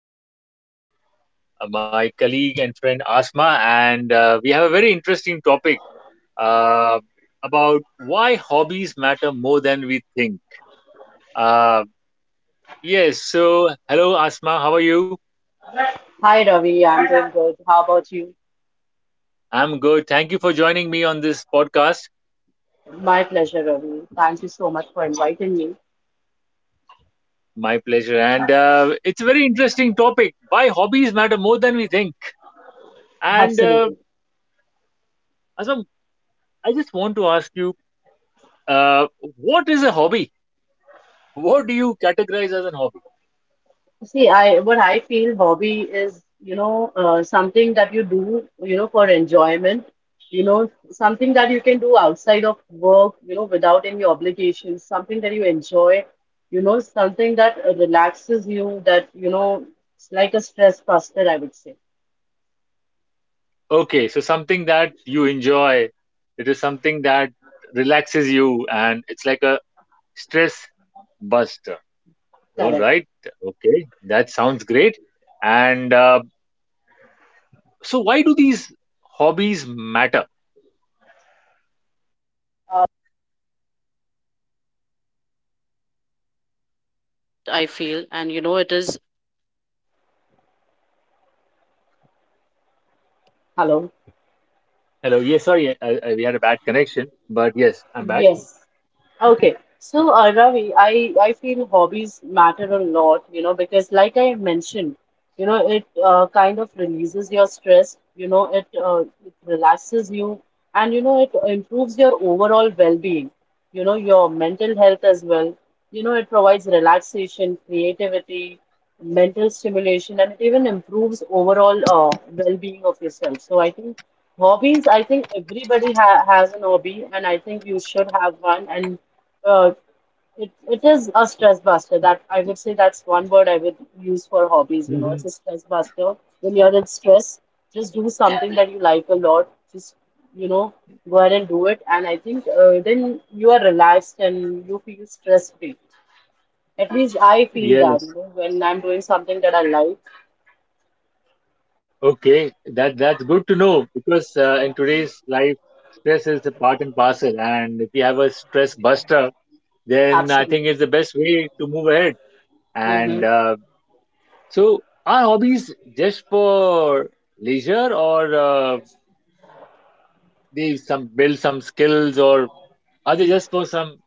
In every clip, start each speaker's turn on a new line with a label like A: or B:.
A: have uh, my colleague and friend Asma, and we have a very interesting topic uh, about why hobbies matter more than we think. Uh, yes, so hello, Asma. How are you?
B: Hi Ravi, I'm doing good. How about you?
A: I'm good. Thank you for joining me on this podcast.
B: My pleasure, Ravi. Thank you so much for inviting me.
A: My pleasure. And it's a very interesting topic why hobbies matter more than we think. And
B: Absolutely.
A: Asma, I just want to ask you Uh, what is a hobby? What do you categorize as a hobby?
B: See, I what I feel hobby is, something that you do, for enjoyment, something that you can do outside of work, without any obligations, something that you enjoy, something that relaxes you, it's like a stress buster, I would say.
A: Okay, so something that you enjoy. It is something that relaxes you and it's like a stress buster. All
B: Correct.
A: right. Okay, that sounds great. And so, why do these hobbies matter? Hello. Yes, sorry, we had a bad connection, but yes, I'm back.
B: Yes, okay. So, Ravi, I feel hobbies matter a lot, because like I mentioned, it kind of releases your stress, it relaxes you and, it improves your overall well-being, your mental health as well. It provides relaxation, creativity, mental stimulation, and it even improves overall well-being of yourself. So I think hobbies, I think everybody ha has an hobby, and I think you should have one and uh, it is a stress buster. That I would say that's one word I would use for hobbies. It's
A: Hmm.
B: a stress buster. When you're in stress, just do something that you like a lot. Just you know, go ahead and do it. And I think then you are relaxed and you feel stress free. At least I feel that. You
A: Yes.
B: know, when I'm doing something that I like,
A: Okay, that that's good to know because in today's life, stress is a part and parcel, and if you have a stress buster, then I think
B: absolutely.
A: it's the best way to move ahead.
B: Mm-hmm.
A: And so, are hobbies just for leisure, or they some build some skills, or are they just for some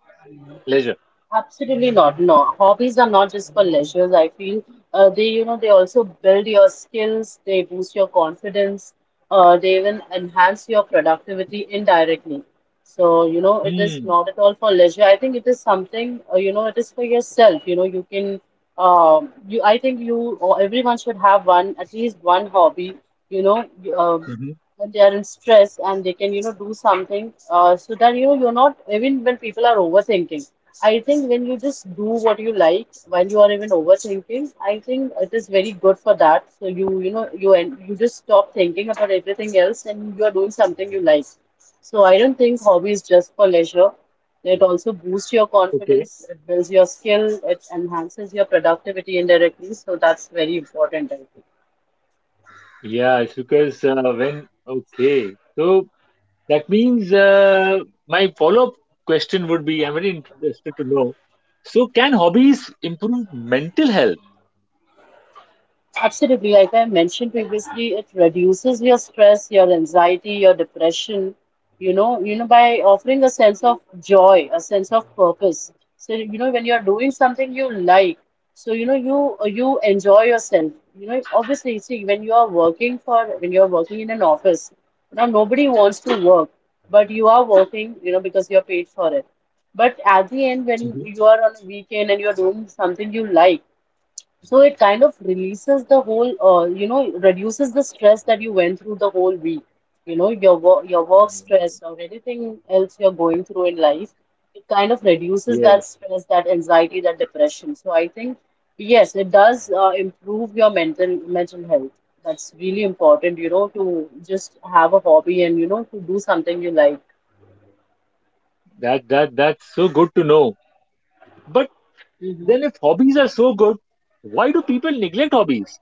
A: leisure?
B: Absolutely not. No, hobbies are not just for leisure. I feel they also build your skills, they boost your confidence, they even enhance your productivity indirectly. So, it is
A: Hmm.
B: not at all for leisure. I think it is something, it is for yourself. I think you or everyone should have one, at least one hobby, you know, you- uh,
A: Hmm.
B: when they are in stress and they can, do something so that, you're not, even when people are overthinking. I think when you just do what you like while you are even overthinking, I think it is very good for that. So you and you just stop thinking about everything else and you are doing something you like. So I don't think hobby is just for leisure. It also boosts your
A: Okay.
B: confidence, it builds your skill, it enhances your productivity indirectly. So that's very important, I think.
A: Yeah, it's because when okay, so. That means my follow up question would be I'm very interested to know. So, can hobbies improve mental health?
B: Absolutely, like I mentioned previously, it reduces your stress, your anxiety, your depression, by offering a sense of joy, a sense of purpose. So, when you're doing something you like, so you enjoy yourself. Obviously, see, when you are working for when you're working in an office, nobody wants to work, but you are working, because you're paid for it. But at the end, when
A: Mhm.
B: you are on a weekend and you're doing something you like, so it kind of releases the whole, you know, reduces the stress that you went through the whole week. Your your work
A: Mm,
B: stress or anything else you're going through in life, it kind of reduces
A: yeah,
B: that stress, that anxiety, that depression. So I think, yes, it does improve your mental health. That's really important, to just have a hobby and, to do something you like.
A: that's so good to know. But then, if hobbies are so good, why do people neglect hobbies?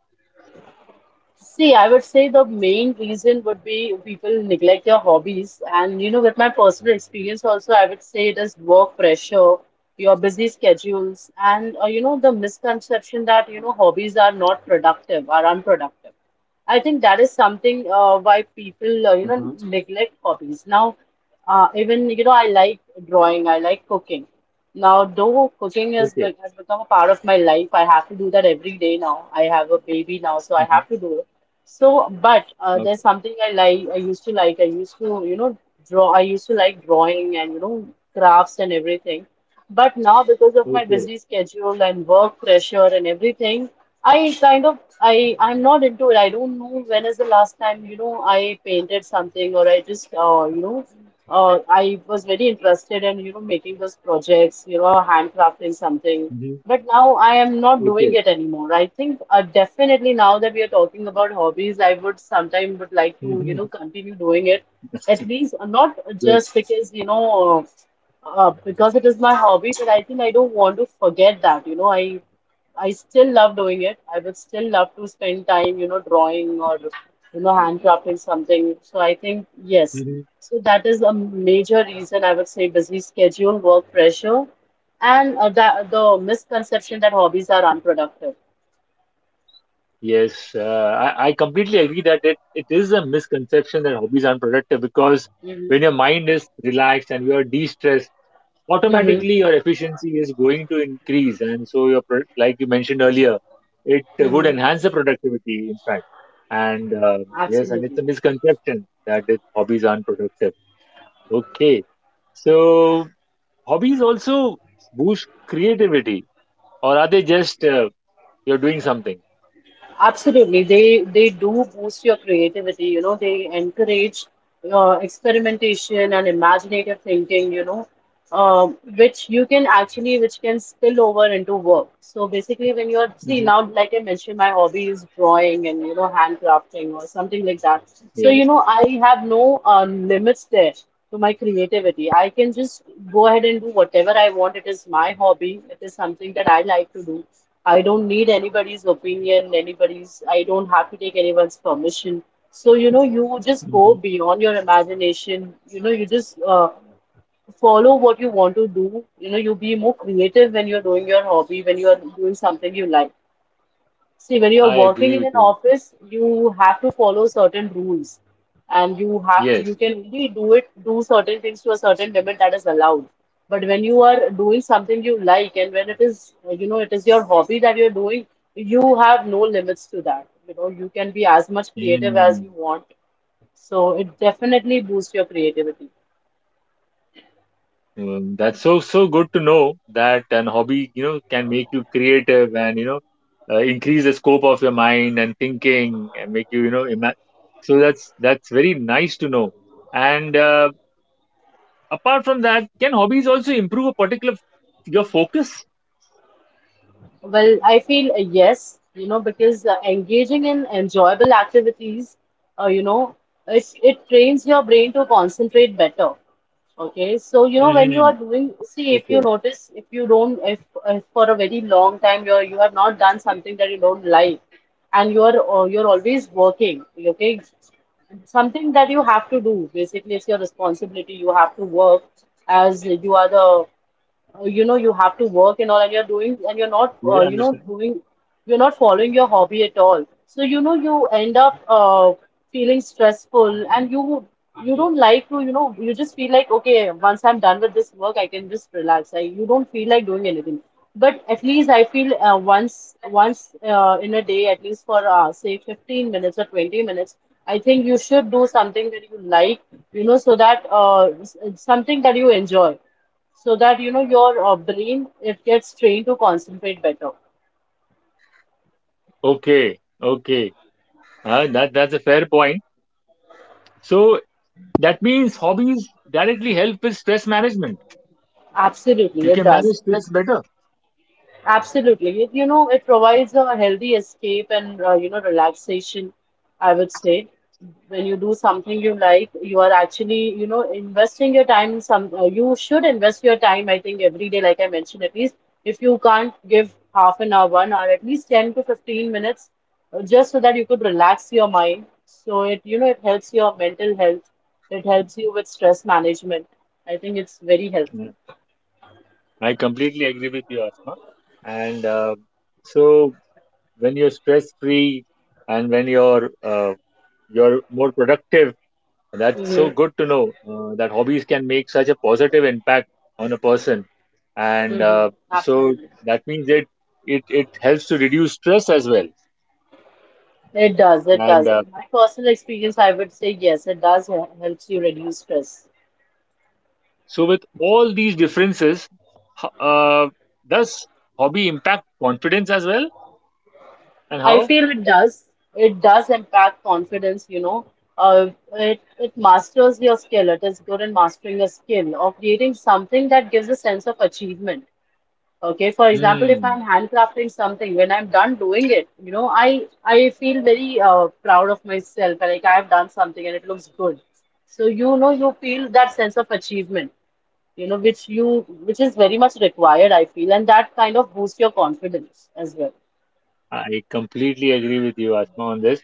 B: See, I would say the main reason would be people neglect their hobbies. And, with my personal experience also, I would say it is work pressure, your busy schedules, and, the misconception that, hobbies are not productive, are unproductive. I think that is something why people,
A: Hmm.
B: neglect hobbies. Now, even, I like drawing, I like cooking. Now, though cooking has,
A: Okay.
B: be has become a part of my life, I have to do that every day now. I have a baby now, so I have to
A: Hmm.
B: do it. But
A: Okay.
B: there's something I like. I used to like. I used to, draw. I used to like drawing and crafts and everything. But now, because of my
A: Okay.
B: busy schedule and work pressure and everything, I'm not into it. I don't know when is the last time I painted something or I just I was very interested in making those projects. Handcrafting something.
A: Hmm.
B: But now I am not doing
A: Okay.
B: it anymore. I think definitely now that we are talking about hobbies, I would sometime would like to,
A: Hmm.
B: continue doing it. At least not
A: Good.
B: just because, because it is my hobby, but I think I don't want to forget that, I still love doing it. I would still love to spend time, drawing or, handcrafting something. So I think, yes.
A: Hmm.
B: So that is a major reason I would say busy schedule, work pressure, and the misconception that hobbies are unproductive.
A: Yes, I completely agree that it is a misconception that hobbies aren't productive because when
B: Mm-hmm.
A: your mind is relaxed and you are de-stressed,
B: Mm-hmm.
A: automatically your efficiency is going to increase and so your pro- like you mentioned earlier it would
B: Mm-hmm.
A: enhance the productivity in fact and yes and it's
B: Absolutely.
A: a misconception that it, hobbies aren't productive. Okay, so hobbies also boost creativity or are they just you're doing something.
B: Absolutely. They do boost your creativity, they encourage experimentation and imaginative thinking, which can spill over into work. So basically when you're see now
A: Hmm.
B: like I mentioned, my hobby is drawing and handcrafting or something like that. So you
A: Yes.
B: know I have no limits there to my creativity. I can just go ahead and do whatever I want. It is my hobby. It is something that I like to do. I don't need anybody's opinion, I don't have to take anyone's permission. So, you just
A: Hmm.
B: go beyond your imagination. You just follow what you want to do. You be more creative when you're doing your hobby, when you're doing something you like. See, when you're
A: I
B: working
A: agree
B: in
A: with
B: an
A: you, Atma.
B: office, you have to follow certain rules and you
A: Yes.
B: can only do it, do certain things to a certain limit that is allowed. But when you are doing something you like and when it is your hobby that you're doing, you have no limits to that. You can be as much creative as
A: Mm.
B: you want. So it definitely boosts your creativity.
A: That's so so good to know that an hobby you know can make you creative and you know increase the scope of your mind and thinking and make you you know ima- so that's very nice to know and apart from that can hobbies also improve a particular your focus.
B: Well, I feel a yes, because engaging in enjoyable activities, uh, you know, it trains your brain to concentrate better. Okay, so when you
A: Hmm.
B: are doing, see if you
A: Okay.
B: notice, if you don't, if for a very long time you have not done something that you don't like, and you're always working. Okay, something that you have to do. Basically, it's your responsibility. You have to work as you are the you have to work and all and you're doing and you're not
A: You understand.
B: doing you're not following your hobby at all, so you end up feeling stressful, and you don't like to, you just feel like okay once I'm done with this work I can just relax, I you don't feel like doing anything, but at least I feel once in a day, at least for say 15 minutes or 20 minutes, I think you should do something that you like, so that something that you enjoy, so that your brain it gets trained to concentrate better.
A: Okay. Okay. That that's a fair point. So that means hobbies directly help with stress management.
B: Absolutely
A: You
B: it
A: can manage
B: does.
A: stress better.
B: Absolutely. It provides a healthy escape and, relaxation, I would say. When you do something you like, you are actually, investing your time in you should invest your time, I think, every day, like I mentioned, at least if you can't give half an hour, 1 hour, at least 10 to 15 minutes, just so that you could relax your mind. So it helps your mental health, it helps you with stress management. I think it's very helpful.
A: I completely agree with you, Asma. And so when you're stress free and when you're more productive, that's
B: Mm-hmm.
A: so good to know that hobbies can make such a positive impact on a person. And
B: Mm-hmm.
A: so
B: Absolutely.
A: that means it it helps to reduce stress as well.
B: It does, it
A: And
B: does. My personal experience, I would say yes, it does helps you reduce stress.
A: so with all these differences, ho- uh, does hobby impact confidence as well? And
B: I
A: how?
B: feel it does. It does impact confidence. It masters your skill. It is good in mastering a skill or creating something that gives a sense of achievement. Okay, for example, if
A: Hmm.
B: I'm handcrafting something, when I'm done doing it, I feel very proud of myself. Like I've done something and it looks good. So you feel that sense of achievement. Which is very much required, I feel, and that kind of boosts your confidence as well.
A: I completely agree with you, Asma, on this.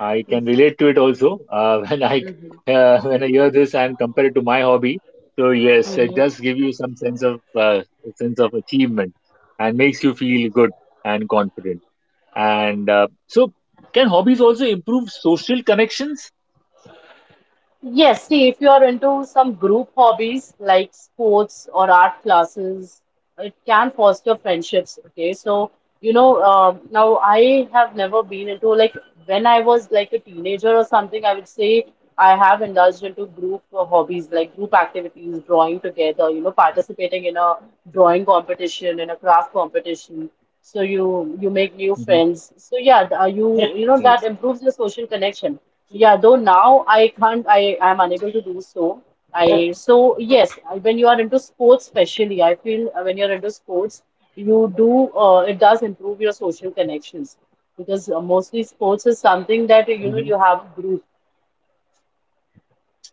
A: I can relate to it also.
B: Mm-hmm.
A: When I hear this and compare it to my hobby, so yes, it does give you some sense of achievement and makes you feel good and confident. And so, can hobbies also improve social connections?
B: Yes, see, if you are into some group hobbies like sports or art classes, it can foster friendships. Okay, so now I have never been into like when I was like a teenager or something, I would say I have indulged into group hobbies like group activities, drawing together, you know, participating in a drawing competition, in a craft competition. So you make new
A: Hmm.
B: friends. So yeah, th- you Yeah. You know that
A: Yes.
B: improves your social connection. Yeah, though now I can't, I am unable to do so. I So yes, when you are into sports, especially, I feel when you're into sports, you do it does improve your social connections because mostly sports is something that you know
A: Hmm.
B: you have a group,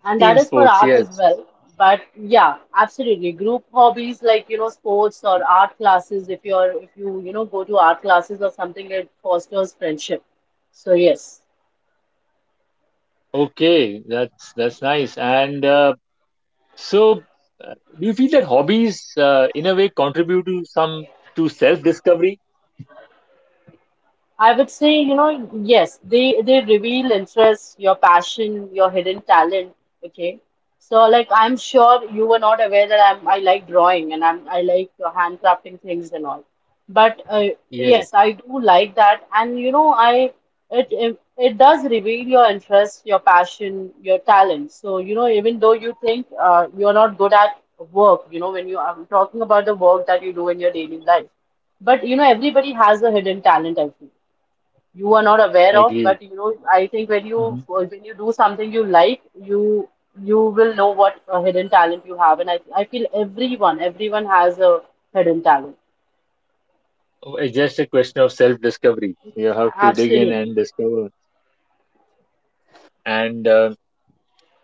B: and that
A: Team
B: is for
A: sports.
B: art as
A: Yes.
B: well. But yeah, absolutely, group hobbies like you know sports or art classes. If you're if you you know go to art classes or something, it fosters friendship. So yes.
A: Okay, that's nice. So, do you feel that hobbies, in a way, contribute to some to self-discovery?
B: I would say, you know, yes, they reveal interests, your passion, your hidden talent. Okay, so like I'm sure you were not aware that I like drawing and I like handcrafting things and all. But
A: Yes,
B: yes, I do like that, and you know, I it, it it does reveal your interests, your passion, your talent. So you know, even though you think you're not good at work, you know, when you I'm talking about the work that you do in your daily life, but you know, everybody has a hidden talent, I feel you are not aware
A: I
B: of,
A: agree.
B: but you know, I think when you do something you like, you will know what a hidden talent you have, and I feel everyone has a hidden talent.
A: Oh, it's just a question of self discovery. You have to dig in
B: Absolutely.
A: and discover. And uh,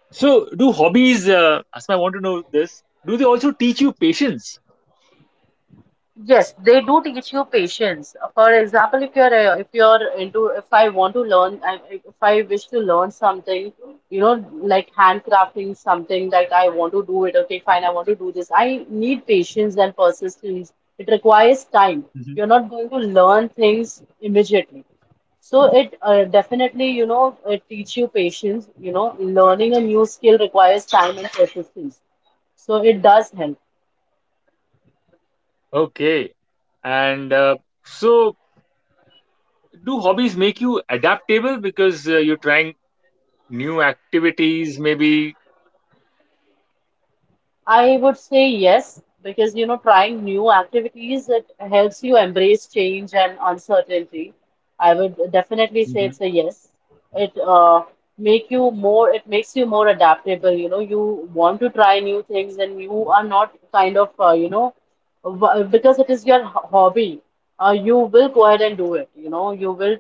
A: do hobbies, Asma, I want to know this, do they also teach you patience?
B: Yes, they do teach you patience. For example, if you're into if I want to learn I- if I wish to learn something, you know, like handcrafting something that I want to do it. Okay, fine, I want to do this. I need patience and persistence. It requires time.
A: Mhm.
B: You're not going to learn things immediately. So it definitely, you know, it teach you patience. You know, learning a new skill requires time and persistence. So it does help.
A: Okay. And uh, so, do hobbies make you adaptable because you're trying new activities, maybe?
B: I would say yes, because you know, trying new activities, it helps you embrace change and uncertainty. I would definitely say
A: Mhm.
B: it's a yes. It It makes you more adaptable. You know, you want to try new things and you are not kind of you know, w because it is your hobby. You will go ahead and do it. You know, you will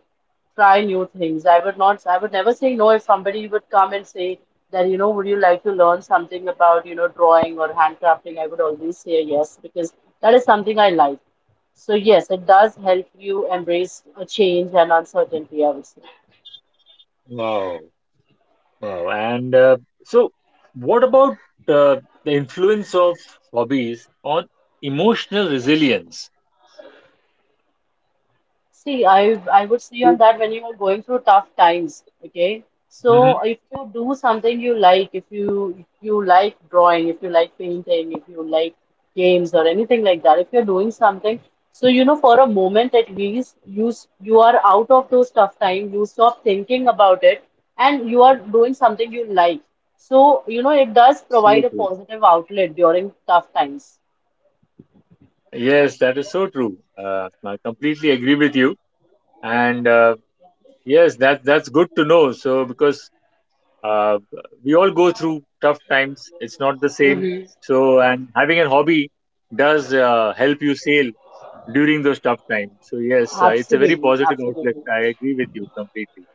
B: try new things. I would never say no if somebody would come and say that, you know, would you like to learn something about, you know, drawing or handcrafting? I would always say yes because that is something I like. So, yes, it does help you embrace a change and uncertainty, I would say.
A: Wow. Wow. So, what about uh, the influence of hobbies on emotional resilience?
B: See, I would see
A: So.
B: on that when you are going through tough times, okay? So
A: Mhm.
B: if you do something you like, if you like drawing, if you like painting, if you like games or anything like that, if you're doing something, so you know for a moment at least you are out of those tough times, you stop thinking about it and you are doing something you like. So, you know, it does
A: So
B: provide a
A: true.
B: positive outlet during tough times.
A: Yes, that is so true. I completely agree with you. And yes, that that's good to know. So because uh, we all go through tough times, it's not the same.
B: Hmm.
A: So and having a hobby does help you sail during those tough times. So yes, it's a very
B: Absolutely,
A: positive outlet.
B: absolutely.
A: I agree with you completely.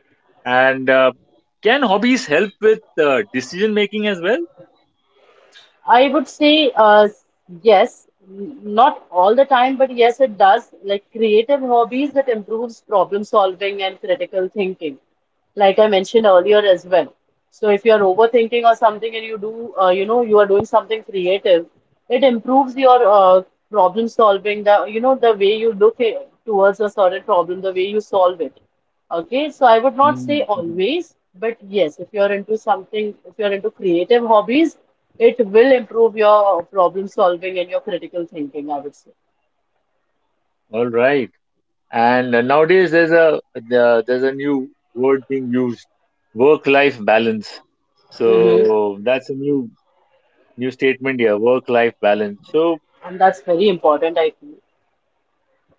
A: And can hobbies help with decision making as well?
B: I would say yes, not all the time, but yes, it does. Like creative hobbies that improves problem solving and critical thinking, like I mentioned earlier as well. So if you're overthinking or something and you do, you know, you are doing something creative, it improves your problem solving, you know, the way you look at, towards a certain problem, the way you solve it. Okay, so I would not say
A: Mm-hmm.
B: always, but yes, if you're into something, if you're into creative hobbies, it will improve your problem solving and your critical thinking, I would say.
A: All right. And nowadays, there's a new word being used, work-life balance.
B: Hmm.
A: So that's a new new statement here, work-life balance. So
B: And that's very important, I feel.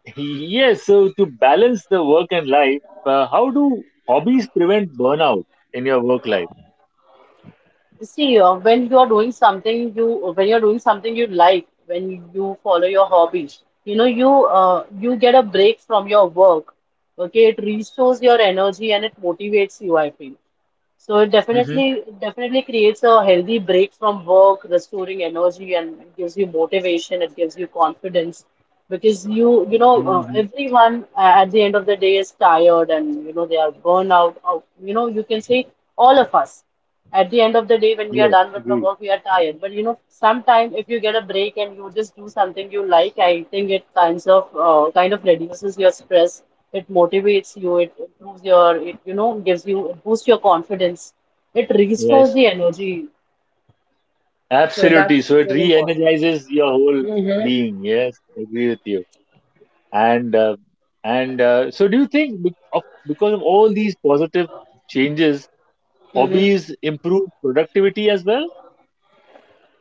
A: yes, so to balance the work and life, how do hobbies prevent burnout in your work life?
B: See, when you are doing something you when you're doing something you like, when you follow your hobbies, you know, you get a break from your work. Okay, it restores your energy and it motivates you, I feel. So it
A: Mm-hmm.
B: definitely creates a healthy break from work, restoring energy and gives you motivation, it gives you confidence because you know
A: Mm-hmm.
B: everyone at the end of the day is tired and you know they are burned out. Or, you know you can say all of us. At the end of the day, when we are
A: Yes,
B: done with our
A: agree.
B: work, we are tired. But you know, sometime if you get a break and you just do something you like, I think it kind of reduces your stress. It motivates you. It improves your. It You know gives you it boosts your confidence. It restores
A: Yes,
B: the energy. So
A: absolutely.
B: that's
A: So it
B: very important.
A: re-energizes your whole
B: Mm-hmm.
A: being. Yes, agree with you. And uh, and so do you think because of all these positive changes hobbies improve productivity as well?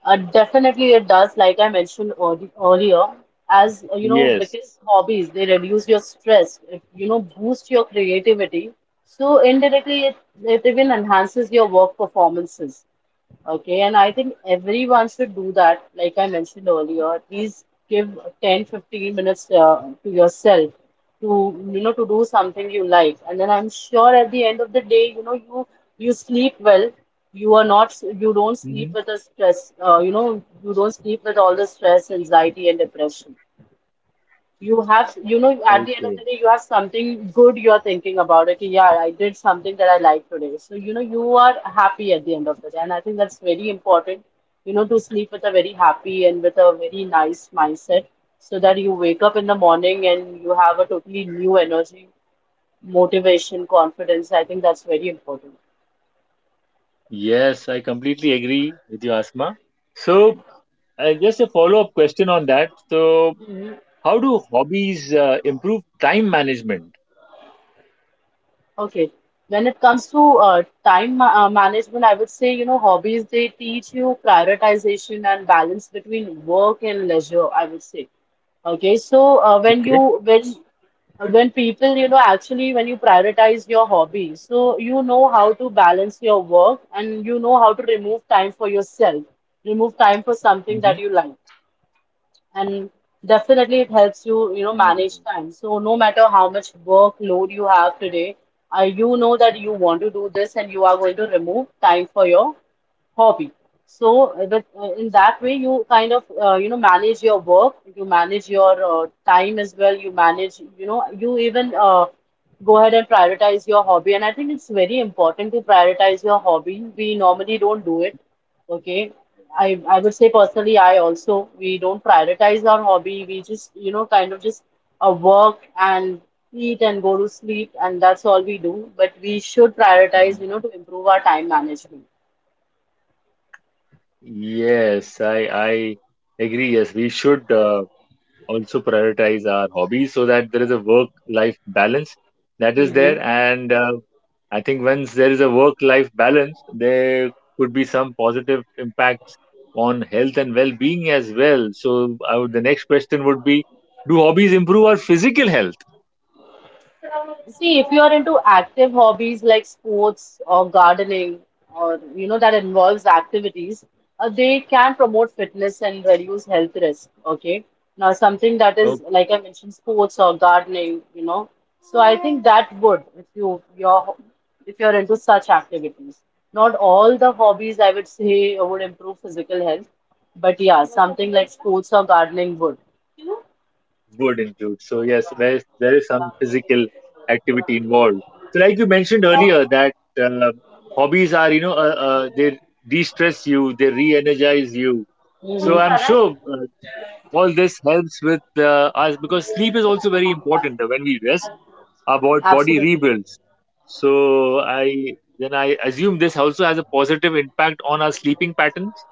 B: Definitely it does, like I mentioned earlier, as you know,
A: Yes.
B: because hobbies they reduce your stress, it, you know, boost your creativity. So indirectly, it even enhances your work performances. Okay, and I think everyone should do that, like I mentioned earlier. At Give 10, 15 minutes to yourself to, you know, to do something you like. And then I'm sure at the end of the day, you know, you sleep well. You are not, you don't sleep
A: Hmm.
B: with the stress, you know, you don't sleep with all the stress, anxiety, and depression you have. You know, at the end of
A: Okay.
B: the day you have something good you're thinking about. Okay, yeah, I did something that I like today, so you know you are happy at the end of the day, and I think that's very important, you know, to sleep with a very happy and with a very nice mindset, so that you wake up in the morning and you have a totally new energy, motivation, confidence. I think that's very important.
A: Yes, I completely agree with you, Asma. So just a follow up question on that. So how do hobbies improve time management?
B: Okay. When it comes to time ma management, I would say, you know, hobbies, they teach you prioritization and balance between work and leisure, I would say. Okay, so
A: Okay.
B: when people, you know, actually when you prioritize your hobby, so you know how to balance your work and you know how to remove time for yourself, remove time for something that
A: Hmm.
B: you like, and definitely it helps you, you know, manage time. So no matter how much workload you have today, you know that you want to do this and you are going to remove time for your hobby. So in that way, you kind of you know manage your work, you manage your time as well, you manage you know you even go ahead and prioritize your hobby. And I think it's very important to prioritize your hobby. We normally don't do it. Okay, I would say personally, I also we don't prioritize our hobby. We just you know kind of just work and eat and go to sleep, and that's all we do. But we should
A: Hmm.
B: prioritize you know to improve our time management.
A: Yes, I agree. Yes, we should also prioritize our hobbies so that there is a work life balance that is there
B: Mm-hmm.
A: and I think once there is a work life balance there could be some positive impacts on health and well being as well. So I would, the next question would be do hobbies improve our physical health
B: See, if you are into active hobbies like sports or gardening or you know that involves activities, they can promote fitness and reduce health risk. Okay. Now, something that is like I mentioned, sports or gardening, you know. So I think that would if you're into such activities. Not all the hobbies I would say would improve physical health, but yeah, something like sports or gardening would.
A: would include. So yes, where there is some physical activity involved. So like you mentioned
B: Mhm.
A: earlier, that uh, hobbies are you know they de-stress you, they re-energize you. So
B: Mhm.
A: I'm sure all this helps with us because sleep is also very important. When we rest, our body
B: Absolutely.
A: rebuilds. So I then I assume this also has a positive impact on our sleeping patterns.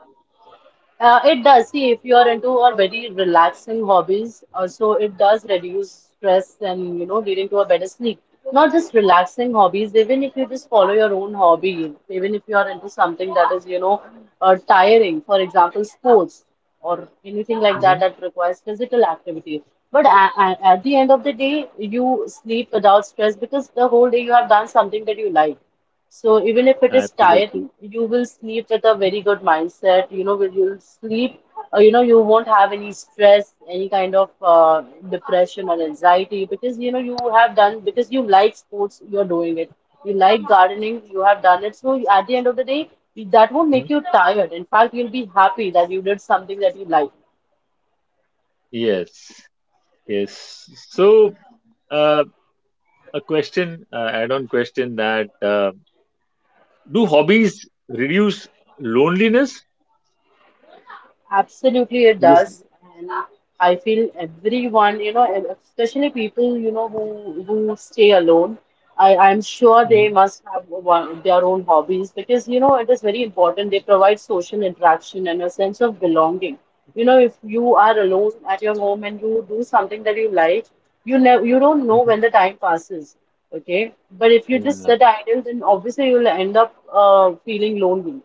B: It does. See, if you are into a very relaxing hobbies, also it does reduce stress and you know leading to a better sleep. Not just relaxing hobbies, even if you just follow your own hobby, even if you are into something that is you know tiring, for example, sports or anything like that
A: Hmm.
B: that requires physical activity. But at the end of the day, you sleep without stress because the whole day you have done something that you like. So even if it is
A: Absolutely.
B: tiring, you will sleep with a very good mindset. You know, when you'll sleep, you know, you won't have any stress, any kind of depression or anxiety because you know you have done, because you like sports, you're doing it. You like gardening, you have done it. So at the end of the day, that won't
A: Mhm.
B: make you tired. In fact, you'll be happy that you did something that you like.
A: Yes. Yes. So. uh, a question, add-on question that do hobbies reduce loneliness?
B: Absolutely, it
A: Because.
B: does. And I feel everyone, you know, and especially people, you know, who stay alone, I'm sure
A: Mhm,
B: they must have one, their own hobbies because, you know, it is very important. They provide social interaction and a sense of belonging. You know, if you are alone at your home and you do something that you like, you don't know when
A: mhm.
B: the time passes. Okay. But if you just
A: Yeah,
B: sit idle, then obviously you'll end up feeling lonely.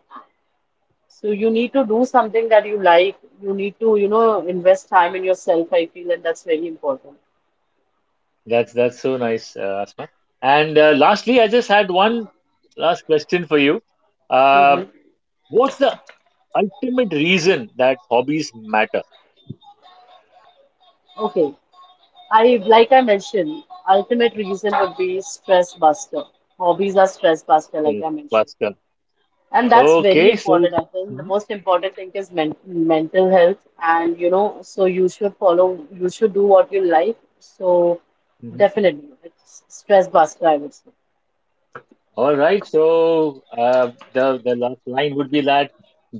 B: So you need to do something that you like. You need to, you know, invest time in yourself, I feel, and that's very important.
A: that's so nice, Asma. And lastly, I just had one last question for you. Uh,
B: Hmm.
A: what's the ultimate reason that hobbies matter,
B: Okay. I Like I mentioned, ultimate reason would be stress buster. Hobbies are stress buster, like
A: uh,
B: I mentioned.
A: Bhaskar?
B: And that's very
A: Okay, so.
B: important. I think the
A: Mhm,
B: most important thing is mental health, and you know, so you should do what you like. So
A: mhm.
B: definitely it's stress buster, I would say.
A: All right, so the last line would be that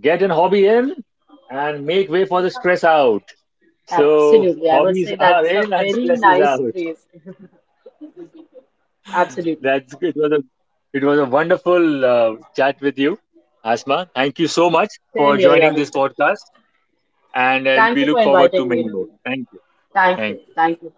A: get an hobby in and make way for the stress out. So
B: Absolutely. I would
A: hobbies
B: say
A: are
B: that's a
A: in and
B: very
A: stress is
B: nice
A: out.
B: phrase. Absolutely.
A: That's good. It was a wonderful chat with you, Asma. Thank you so much
B: Same
A: for
B: here,
A: joining
B: Ravi.
A: this podcast, and
B: Thank
A: we
B: you for
A: look forward to
B: inviting me,
A: many more.
B: Ravi.
A: Thank you.
B: Thank
A: Thank
B: you.
A: you.
B: Thank you.